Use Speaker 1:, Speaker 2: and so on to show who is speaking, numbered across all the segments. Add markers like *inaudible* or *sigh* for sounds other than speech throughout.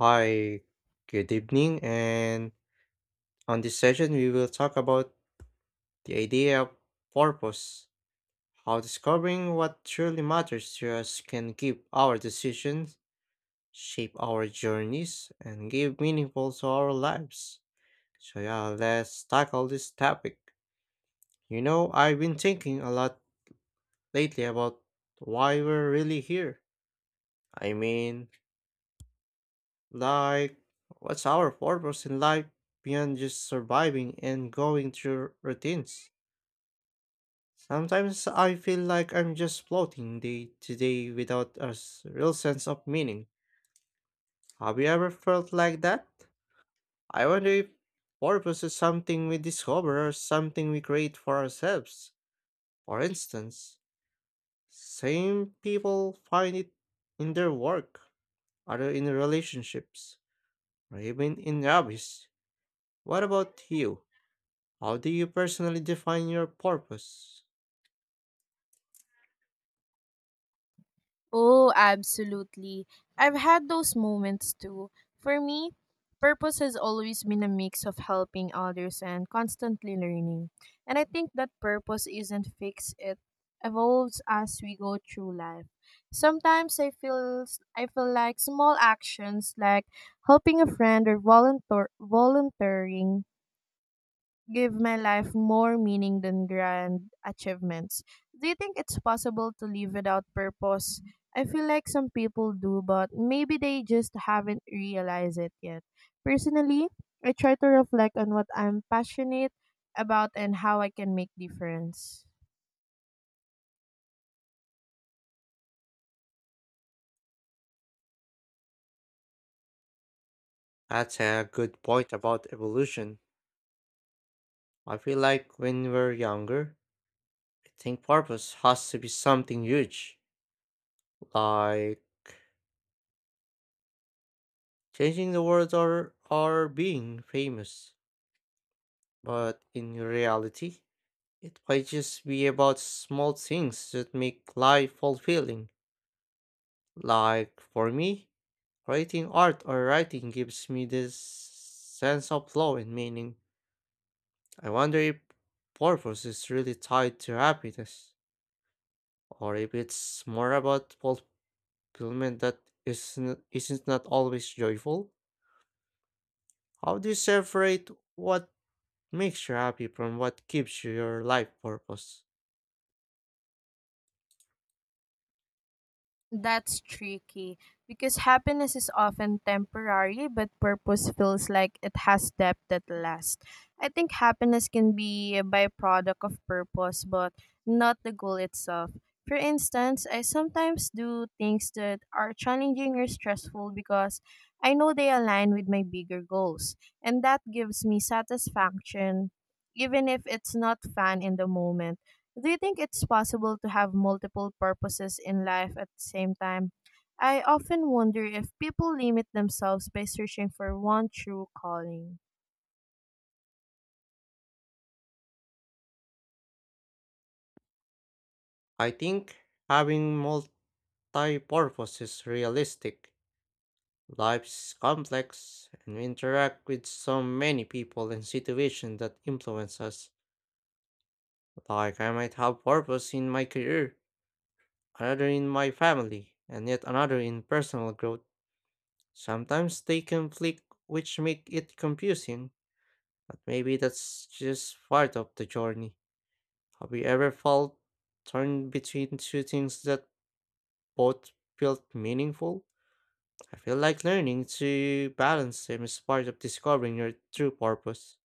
Speaker 1: Hi, good evening, and on this session, we will talk about the idea of purpose, how discovering what truly matters to us can give our decisions, shape our journeys, and give meaningful to our lives. So, yeah, let's tackle this topic. You know, I've been thinking a lot lately about why we're really here. I mean, Like, what's our purpose in life beyond just surviving and going through routines? Sometimes I feel like I'm just floating day to day without a real sense of meaning. Have you ever felt like that? I wonder if purpose is something we discover or something we create for ourselves. For instance, same people find it in their work, other in relationships, or even in hobbies. What about you? How do you personally define your purpose?
Speaker 2: Oh, absolutely. I've had those moments too. For me, purpose has always been a mix of helping others and constantly learning. And I think that purpose isn't fixed, it evolves as we go through life. Sometimes I feel like small actions like helping a friend or volunteering give my life more meaning than grand achievements. Do you think it's possible to live without purpose? I feel like some people do, but maybe they just haven't realized it yet. Personally, I try to reflect on what I'm passionate about and how I can make difference.
Speaker 1: That's a good point about evolution. I feel like when we're younger, I think purpose has to be something huge, like changing the world or being famous. But in reality, it might just be about small things that make life fulfilling. Like for me, creating art or writing gives me this sense of flow and meaning. I wonder if purpose is really tied to happiness, or if it's more about fulfillment that isn't not always joyful. How do you separate what makes you happy from what gives you your life purpose?
Speaker 2: That's tricky because happiness is often temporary, but purpose feels like it has depth that lasts. I think happiness can be a byproduct of purpose, but not the goal itself. For instance, I sometimes do things that are challenging or stressful because I know they align with my bigger goals, and that gives me satisfaction, even if it's not fun in the moment. Do you think it's possible to have multiple purposes in life at the same time? I often wonder if people limit themselves by searching for one true calling.
Speaker 1: I think having multi purpose is realistic. Life is complex, and we interact with so many people and situations that influence us. Like, I might have purpose in my career another in my family, and yet another in personal growth. Sometimes they conflict, which make it confusing, but maybe that's just part of the journey. Have you ever felt torn between two things that both felt meaningful? I feel like learning to balance them is part of discovering your true purpose.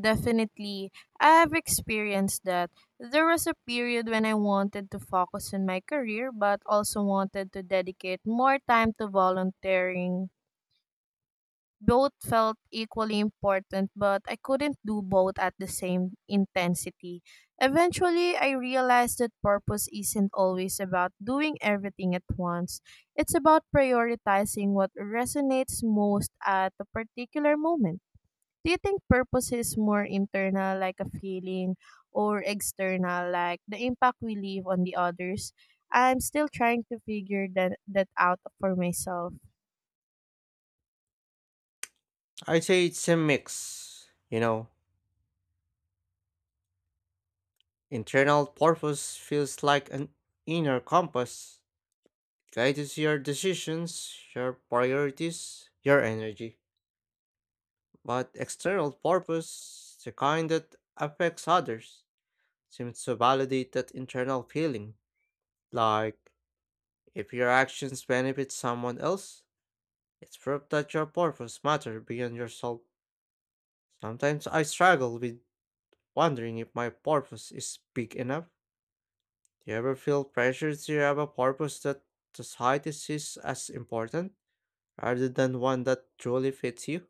Speaker 2: Definitely, I've experienced that. There was a period when I wanted to focus on my career but also wanted to dedicate more time to volunteering. Both felt equally important, but I couldn't do both at the same intensity. Eventually, I realized that purpose isn't always about doing everything at once. It's about prioritizing what resonates most at a particular moment. Do you think purpose is more internal, like a feeling, or external, like the impact we leave on the others? I'm still trying to figure that out for myself.
Speaker 1: I'd say it's a mix, you know. Internal purpose feels like an inner compass Guides your decisions, your priorities, your energy. But external purpose, the kind that affects others, seems to validate that internal feeling. Like, if your actions benefit someone else, it's proof that your purpose matters beyond yourself. Sometimes I struggle with wondering if my purpose is big enough. Do you ever feel pressured to have a purpose that society sees as important, rather than one that truly fits you?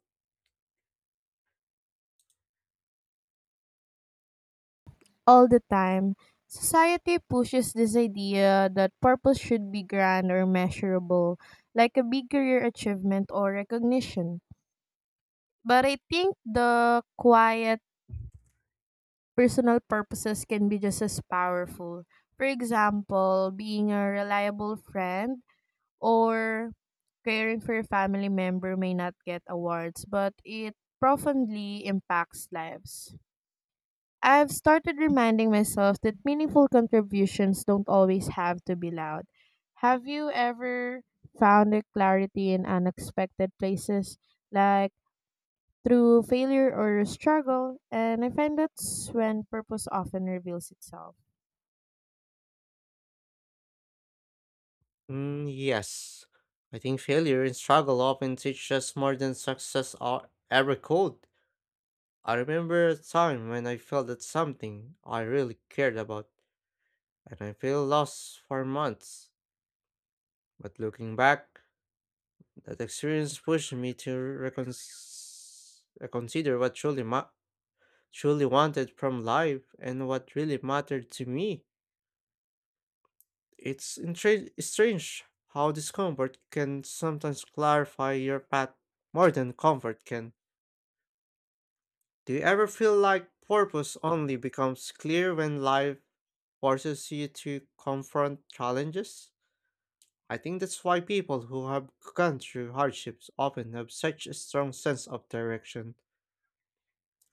Speaker 2: All the time. Society pushes this idea that purpose should be grand or measurable, like a big career achievement or recognition. But I think the quiet personal purposes can be just as powerful. For example, being a reliable friend or caring for a family member may not get awards, but it profoundly impacts lives. I've started reminding myself that meaningful contributions don't always have to be loud. Have you ever found a clarity in unexpected places, like through failure or struggle? And I find that's when purpose often reveals itself.
Speaker 1: Mm, yes. I think failure and struggle often teach us more than success or ever could. I remember a time when I felt that something I really cared about, and I felt lost for months. But looking back, that experience pushed me to reconsider what truly wanted from life and what really mattered to me. It's strange how discomfort can sometimes clarify your path more than comfort can. Do you ever feel like purpose only becomes clear when life forces you to confront challenges? I think that's why people who have gone through hardships often have such a strong sense of direction.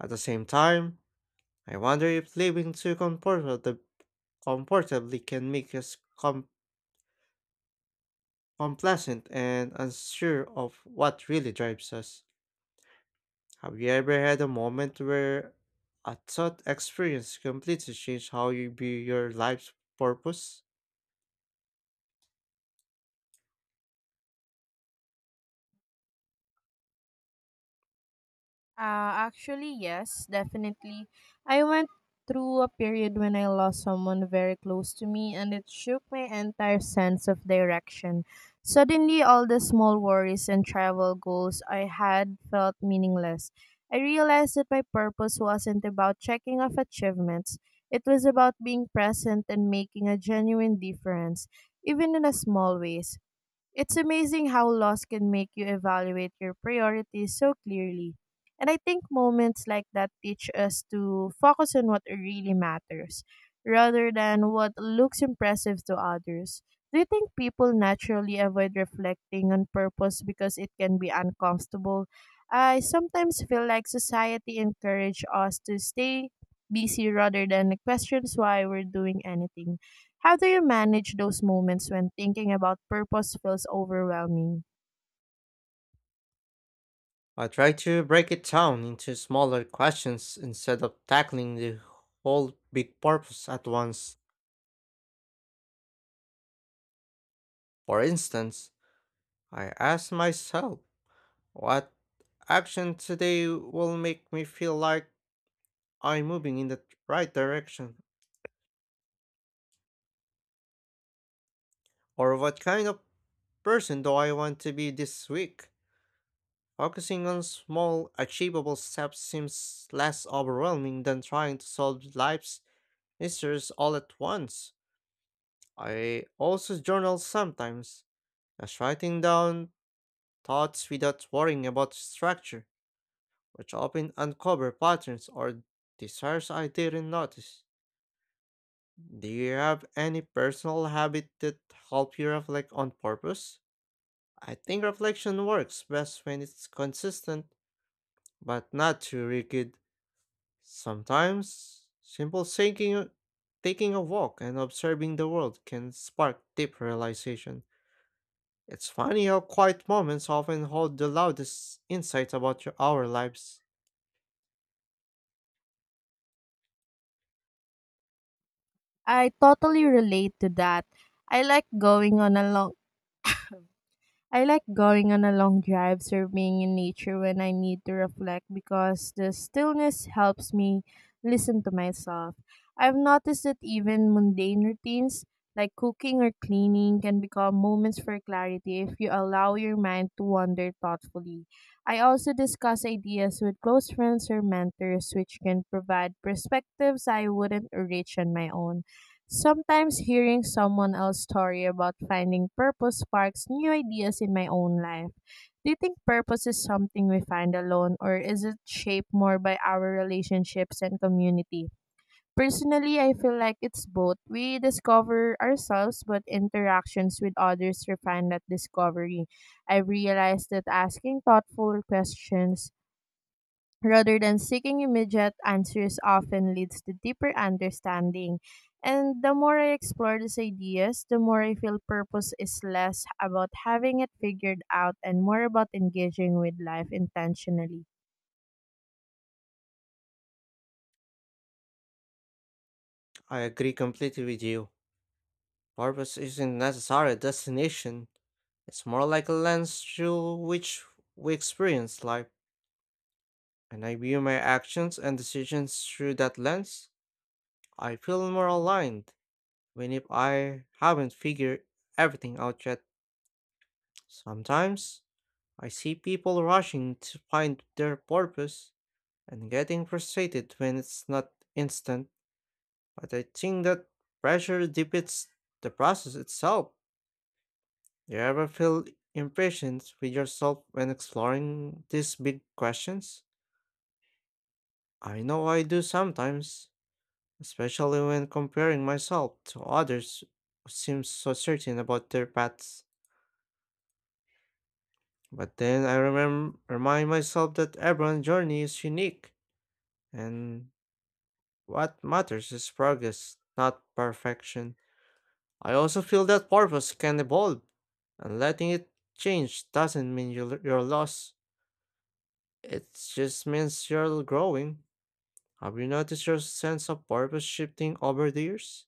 Speaker 1: At the same time, I wonder if living too comfortably can make us com unpleasant and unsure of what really drives us. Have you ever had a moment where a thought experience completely changed how you view your life's purpose?
Speaker 2: Actually, yes, definitely. I went through a period when I lost someone very close to me, and it shook my entire sense of direction. Suddenly, all the small worries and travel goals I had felt meaningless. I realized that my purpose wasn't about checking off achievements, it was about being present and making a genuine difference, even in a small ways. It's amazing how loss can make you evaluate your priorities so clearly. And I think moments like that teach us to focus on what really matters rather than what looks impressive to others. Do you think people naturally avoid reflecting on purpose because it can be uncomfortable? I sometimes feel like society encourages us to stay busy rather than questions why we're doing anything. How do you manage those moments when thinking about purpose feels overwhelming?
Speaker 1: I try to break it down into smaller questions instead of tackling the whole big purpose at once. For instance, I ask myself, what action today will make me feel like I'm moving in the right direction? Or what kind of person do I want to be this week? Focusing on small, achievable steps seems less overwhelming than trying to solve life's mysteries all at once. I also journal sometimes, just writing down thoughts without worrying about structure, which often uncover patterns or desires I didn't notice. Do you have any personal habit that help you reflect on purpose? I think reflection works best when it's consistent, but not too rigid. Sometimes, simple thinking, taking a walk, and observing the world can spark deep realization. It's funny how quiet moments often hold the loudest insights about our lives.
Speaker 2: I totally relate to that. I like going on a long I like going on a long drive being in nature when I need to reflect because the stillness helps me listen to myself. I've noticed that even mundane routines like cooking or cleaning can become moments for clarity if you allow your mind to wander thoughtfully. I also discuss ideas with close friends or mentors, which can provide perspectives I wouldn't reach on my own. Sometimes hearing someone else's story about finding purpose sparks new ideas in my own life. Do you think purpose is something we find alone, or is it shaped more by our relationships and community? Personally, I feel like it's both. We discover ourselves, but interactions with others refine that discovery. I've realized that asking thoughtful questions rather than seeking immediate answers often leads to deeper understanding. And the more I explore these ideas, the more I feel purpose is less about having it figured out and more about engaging with life intentionally.
Speaker 1: I agree completely with you. Purpose isn't necessarily a destination, it's more like a lens through which we experience life, and I view my actions and decisions through that lens. I feel more aligned when if I haven't figured everything out yet. Sometimes I see people rushing to find their purpose and getting frustrated when it's not instant, but I think that pressure defeats the process itself. Do you ever feel impatient with yourself when exploring these big questions? I know I do sometimes, especially when comparing myself to others who seem so certain about their paths. But then I remind myself that everyone's journey is unique, and what matters is progress, not perfection. I also feel that purpose can evolve, and letting it change doesn't mean you're lost. It just means you're growing. Have you noticed your sense of purpose shifting over the years?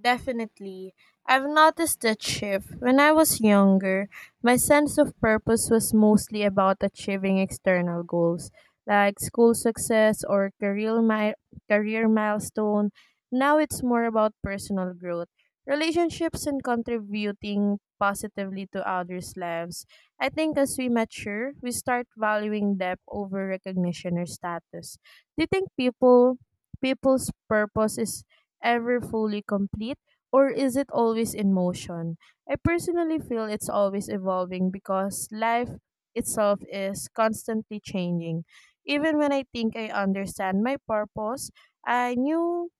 Speaker 2: Definitely. I've noticed that shift. When I was younger, my sense of purpose was mostly about achieving external goals, like school success or career milestone. Now it's more about personal growth, relationships and contributing positively to others' lives. I think as we mature, we start valuing depth over recognition or status. Do you think people's purpose is ever fully complete or is it always in motion? I personally feel it's always evolving because life itself is constantly changing. Even when I think I understand my purpose, I knew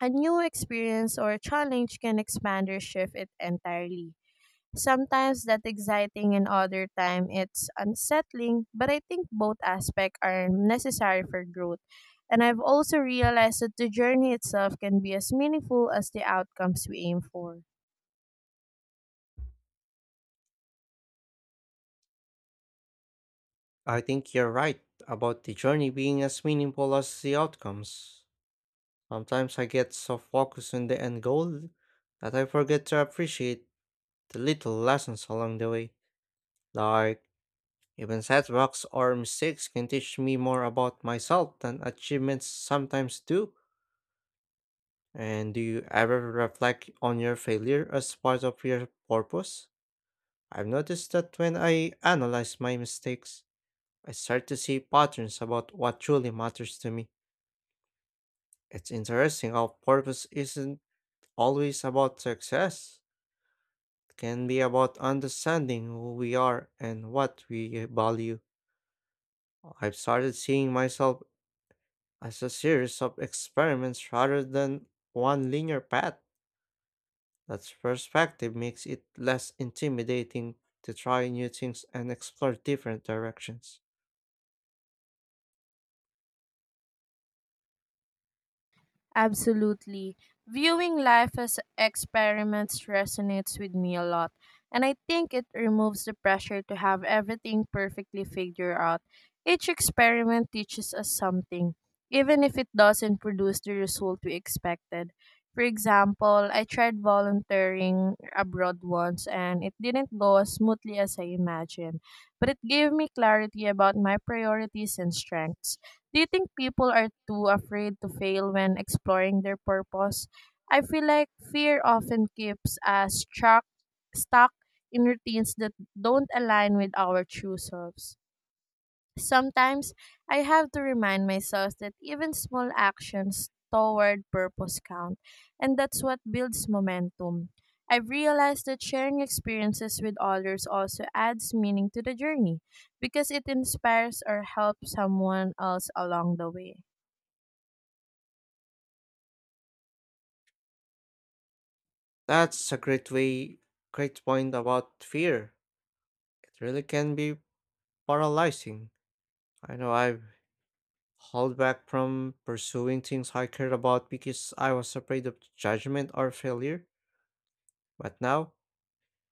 Speaker 2: a new experience or challenge can expand or shift it entirely. Sometimes that's exciting and other time it's unsettling, but I think both aspects are necessary for growth. And I've also realized that the journey itself can be as meaningful as the outcomes we aim for.
Speaker 1: I think you're right about the journey being as meaningful as the outcomes. Sometimes I get so focused on the end goal that I forget to appreciate the little lessons along the way. Like, even setbacks or mistakes can teach me more about myself than achievements sometimes do. And do you ever reflect on your failure as part of your purpose? I've noticed that when I analyze my mistakes, I start to see patterns about what truly matters to me. It's interesting how purpose isn't always about success. It can be about understanding who we are and what we value. I've started seeing myself as a series of experiments rather than one linear path. That perspective makes it less intimidating to try new things and explore different directions.
Speaker 2: Absolutely. Viewing life as experiments resonates with me a lot, and I think it removes the pressure to have everything perfectly figured out. Each experiment teaches us something, even if it doesn't produce the result we expected. For example, I tried volunteering abroad once and it didn't go as smoothly as I imagined, but it gave me clarity about my priorities and strengths. Do you think people are too afraid to fail when exploring their purpose? I feel like fear often keeps us stuck in routines that don't align with our true selves. Sometimes I have to remind myself that even small actions toward purpose count, and that's what builds momentum. I've realized that sharing experiences with others also adds meaning to the journey because it inspires or helps someone else along the way.
Speaker 1: That's a great way, great point about fear. It really can be paralyzing. I know I've held back from pursuing things I cared about because I was afraid of judgment or failure, but now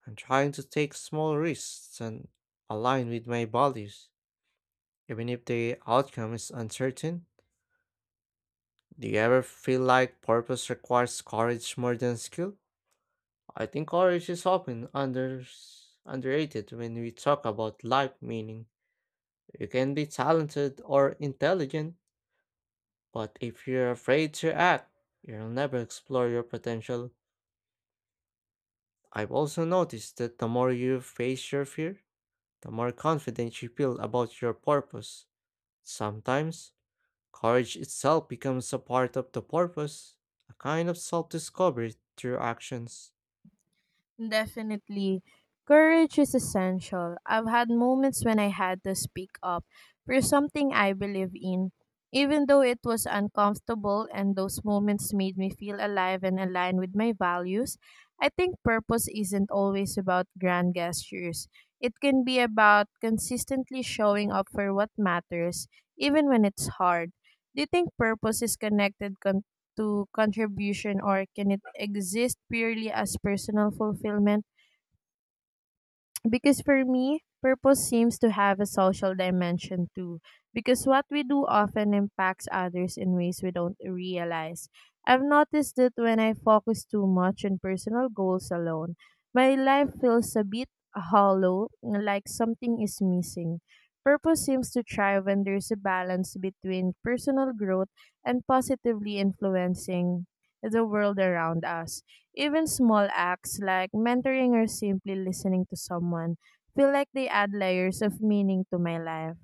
Speaker 1: I'm trying to take small risks and align with my values, even if the outcome is uncertain. Do you ever feel like purpose requires courage more than skill? I think courage is often underrated when we talk about life meaning. You can be talented or intelligent, but if you're afraid to act, you'll never explore your potential. I've also noticed that the more you face your fear, the more confident you feel about your purpose. Sometimes, courage itself becomes a part of the purpose, a kind of self discovery through actions.
Speaker 2: Definitely. Courage is essential. I've had moments when I had to speak up for something I believe in, even though it was uncomfortable, and those moments made me feel alive and aligned with my values. I think purpose isn't always about grand gestures. It can be about consistently showing up for what matters, even when it's hard. Do you think purpose is connected to contribution or can it exist purely as personal fulfillment? Because for me, purpose seems to have a social dimension too, because what we do often impacts others in ways we don't realize. I've noticed that when I focus too much on personal goals alone, my life feels a bit hollow, like something is missing. Purpose seems to thrive when there's a balance between personal growth and positively influencing the world around us. Even small acts like mentoring or simply listening to someone feel like they add layers of meaning to my life.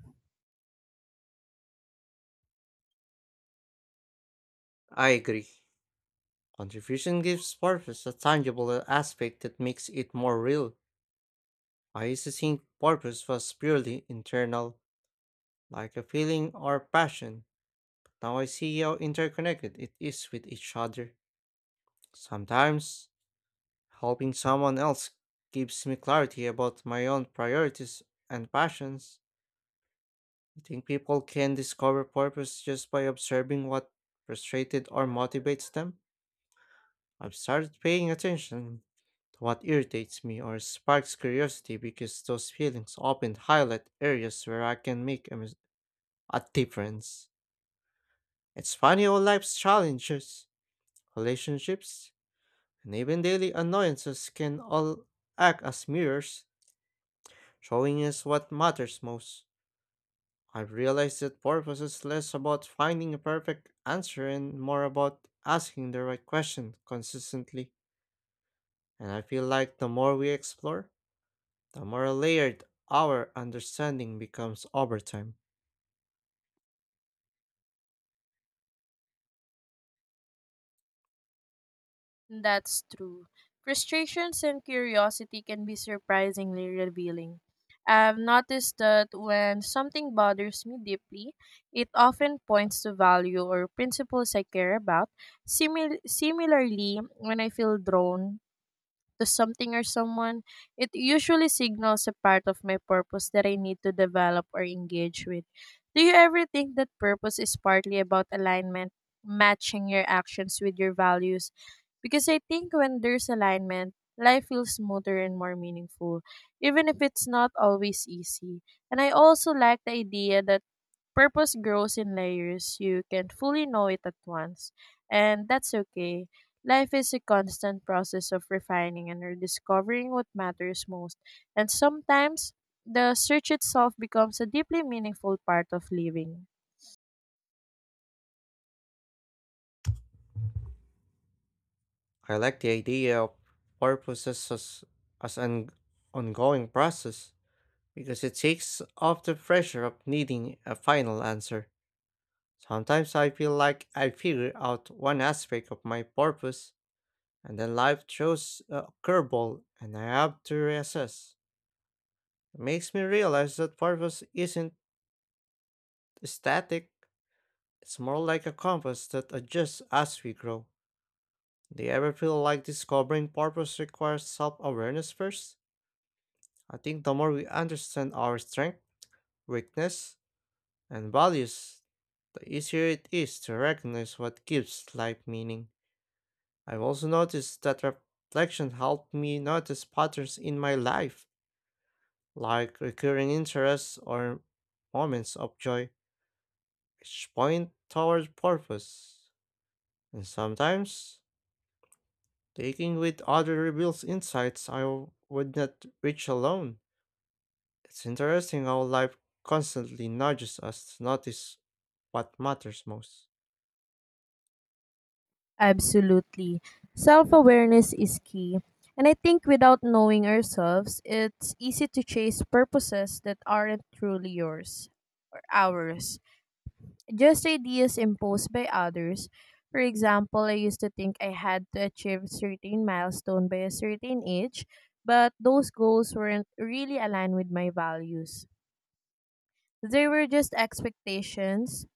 Speaker 1: I agree. Contribution gives purpose a tangible aspect that makes it more real. I used to think purpose was purely internal, like a feeling or passion. Now I see how interconnected it is with each other. Sometimes, helping someone else gives me clarity about my own priorities and passions. I think people can discover purpose just by observing what frustrated or motivates them. I've started paying attention to what irritates me or sparks curiosity because those feelings often highlight areas where I can make a difference. It's funny how life's challenges, relationships, and even daily annoyances can all act as mirrors, showing us what matters most. I've realized that purpose is less about finding a perfect answer and more about asking the right question consistently. And I feel like the more we explore, the more layered our understanding becomes over time.
Speaker 2: That's true. Frustrations and curiosity can be surprisingly revealing. I've noticed that when something bothers me deeply, it often points to value or principles I care about. Similarly, when I feel drawn to something or someone, it usually signals a part of my purpose that I need to develop or engage with. Do you ever think that purpose is partly about alignment, matching your actions with your values? Because I think when there's alignment, life feels smoother and more meaningful, even if it's not always easy. And I also like the idea that purpose grows in layers. You can't fully know it at once, and that's okay. Life is a constant process of refining and rediscovering what matters most, and sometimes the search itself becomes a deeply meaningful part of living.
Speaker 1: I like the idea of purpose as an ongoing process because it takes off the pressure of needing a final answer. Sometimes I feel like I figure out one aspect of my purpose and then life throws a curveball and I have to reassess. It makes me realize that purpose isn't static, it's more like a compass that adjusts as we grow. Do you ever feel like discovering purpose requires self awareness first? I think the more we understand our strengths, weakness, and values, the easier it is to recognize what gives life meaning. I've also noticed that reflection helped me notice patterns in my life, like recurring interests or moments of joy, which point toward purpose. And sometimes, taking with other reveals insights I would not reach alone. It's interesting how life constantly nudges us to notice what matters most.
Speaker 2: Absolutely. Self awareness is key. And I think without knowing ourselves, it's easy to chase purposes that aren't truly yours or ours, just ideas imposed by others. For example, I used to think I had to achieve certain milestone by a certain age, but those goals weren't really aligned with my values. They were just expectations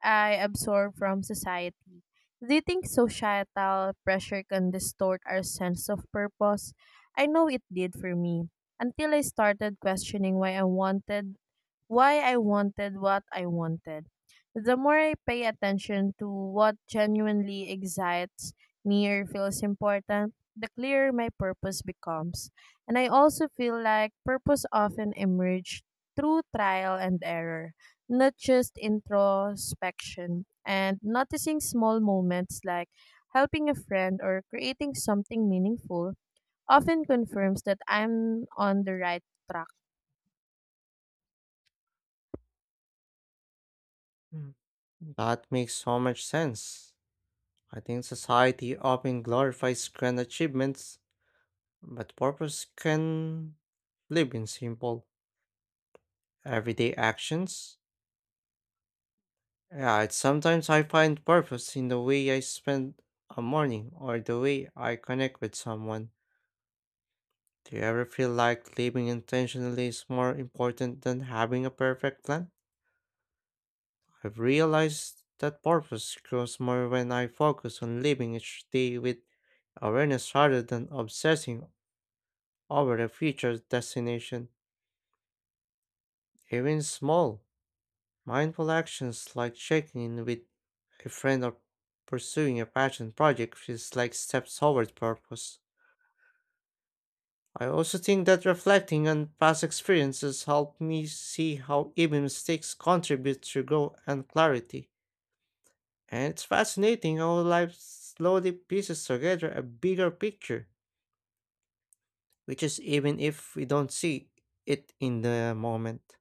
Speaker 2: I absorb from society. Do you think societal pressure can distort our sense of purpose? I know it did for me until I started questioning why I wanted what I wanted. The more I pay attention to what genuinely excites me or feels important, the clearer my purpose becomes. And I also feel like purpose often emerges through trial and error not just introspection and noticing small moments like helping a friend or creating something meaningful often confirms that I'm on the right track.
Speaker 1: Mm. That makes so much sense. I think society often glorifies grand achievements, but purpose can live in simple, everyday actions. Yeah, it's sometimes I find purpose in the way I spend a morning or the way I connect with someone. Do you ever feel like living intentionally is more important than having a perfect plan? I've realized that purpose grows more when I focus on living each day with awareness rather than obsessing over a future destination. Even small, mindful actions like checking in with a friend or pursuing a passion project feels like steps toward purpose. I also think that reflecting on past experiences helped me see how even mistakes contribute to growth and clarity. And it's fascinating how life slowly pieces together a bigger picture, which is even if we don't see it in the moment.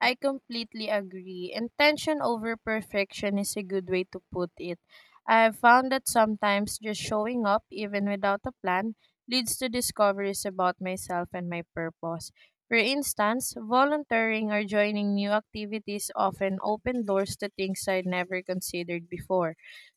Speaker 2: I completely agree. Intention over perfection is a good way to put it. I've found that sometimes just showing up, even without a plan, leads to discoveries about myself and my purpose. For instance, volunteering or joining new activities often open doors to things I'd never considered before.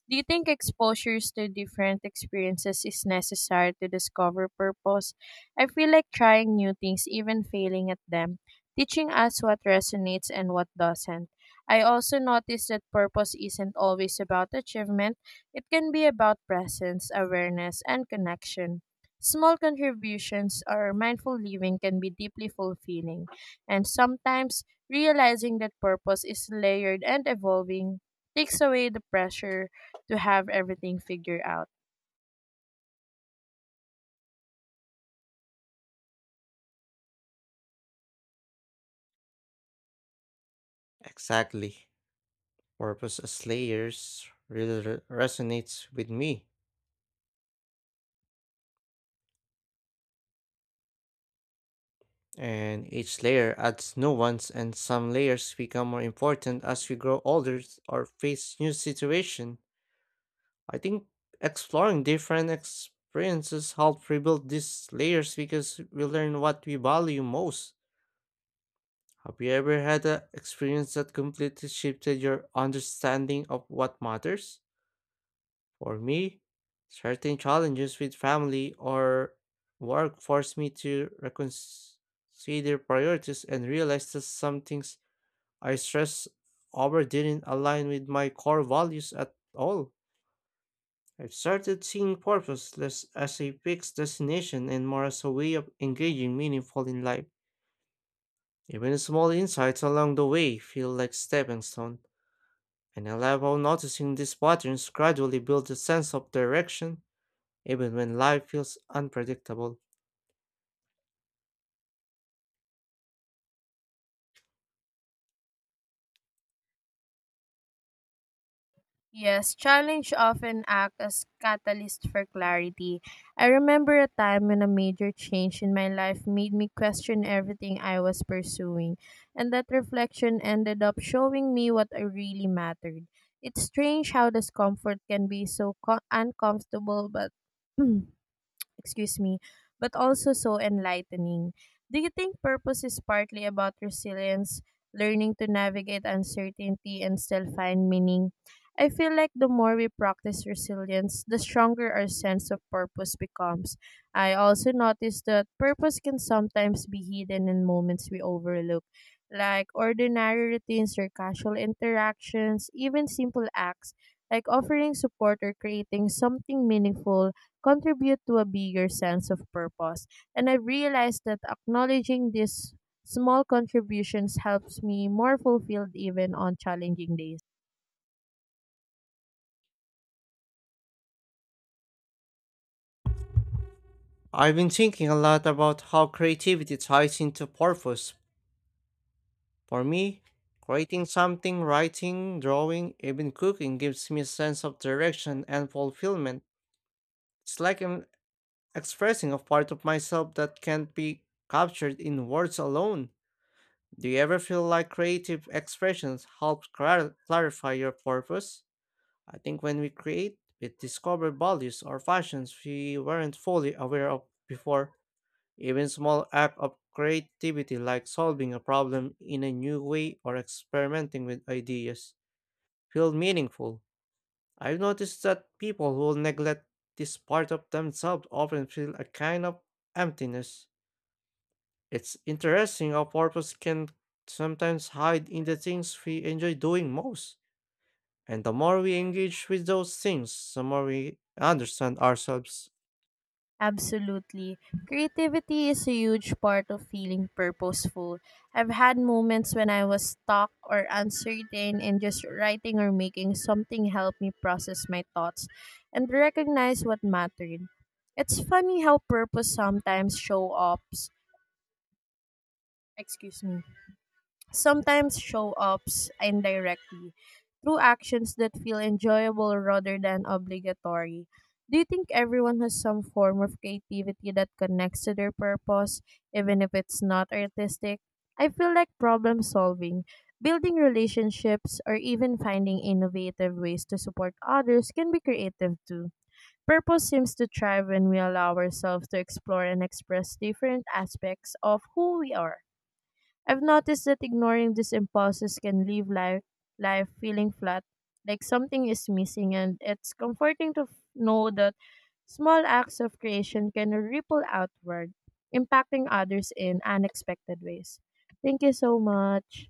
Speaker 2: Do you think exposures to different experiences is necessary to discover purpose? I feel like trying new things, even failing at them teaching us what resonates and what doesn't. I also noticed that purpose isn't always about achievement, it can be about presence, awareness, and connection. Small contributions or mindful living can be deeply fulfilling, and sometimes realizing that purpose is layered and evolving takes away the pressure to have everything figured out.
Speaker 1: Exactly. Purpose as layers really resonates with me, and each layer adds new ones, and some layers become more important as we grow older or face new situation. I think exploring different experiences help rebuild these layers because we learn what we value most. Have you ever had an experience that completely shifted your understanding of what matters? For me, certain challenges with family or work forced me to reconsider priorities and realize that some things I stressed over didn't align with my core values at all. I've started seeing purpose less as a fixed destination and more as a way of engaging meaningful in life. Even small insights along the way feel like stepping stones and allowable noticing these patterns gradually builds a sense of direction, even when life feels unpredictable.
Speaker 2: Yes, challenge often act as catalyst for clarity. I remember a time when a major change in my life made me question everything I was pursuing, and that reflection ended up showing me what I really mattered. It's strange how discomfort can be so uncomfortable, but *clears throat* excuse me, but also so enlightening. Do you think purpose is partly about resilience, learning to navigate uncertainty and still find meaning? I feel like the more we practice resilience, the stronger our sense of purpose becomes. I also noticed that purpose can sometimes be hidden in moments we overlook, like ordinary routines or casual interactions, even simple acts like offering support or creating something meaningful contribute to a bigger sense of purpose. And I've realized that acknowledging these small contributions helps me more fulfilled even on challenging days.
Speaker 1: I've been thinking a lot about how creativity ties into purpose. For me, creating something, writing, drawing, even cooking gives me a sense of direction and fulfillment. It's like I'm expressing a part of myself that can't be captured in words alone. Do you ever feel like creative expressions help clarify your purpose? I think when we create, we discover values or fashions we weren't fully aware of before. Even small act of creativity like solving a problem in a new way or experimenting with ideas feel meaningful. I've noticed that people who neglect this part of themselves often feel a kind of emptiness. It's interesting how purpose can sometimes hide in the things we enjoy doing most. And the more we engage with those things, the more we understand ourselves.
Speaker 2: Absolutely. Creativity is a huge part of feeling purposeful. I've had moments when I was stuck or uncertain, and just writing or making something helped me process my thoughts and recognize what mattered. It's funny how purpose sometimes show up. Excuse me sometimes show ups indirectly through actions that feel enjoyable rather than obligatory. Do you think everyone has some form of creativity that connects to their purpose, even if it's not artistic? I feel like problem solving, building relationships, or even finding innovative ways to support others can be creative too. Purpose seems to thrive when we allow ourselves to explore and express different aspects of who we are. I've noticed that ignoring these impulses can leave life feeling flat, like something is missing, and it's comforting to know that small acts of creation can ripple outward, impacting others in unexpected ways. Thank you so much.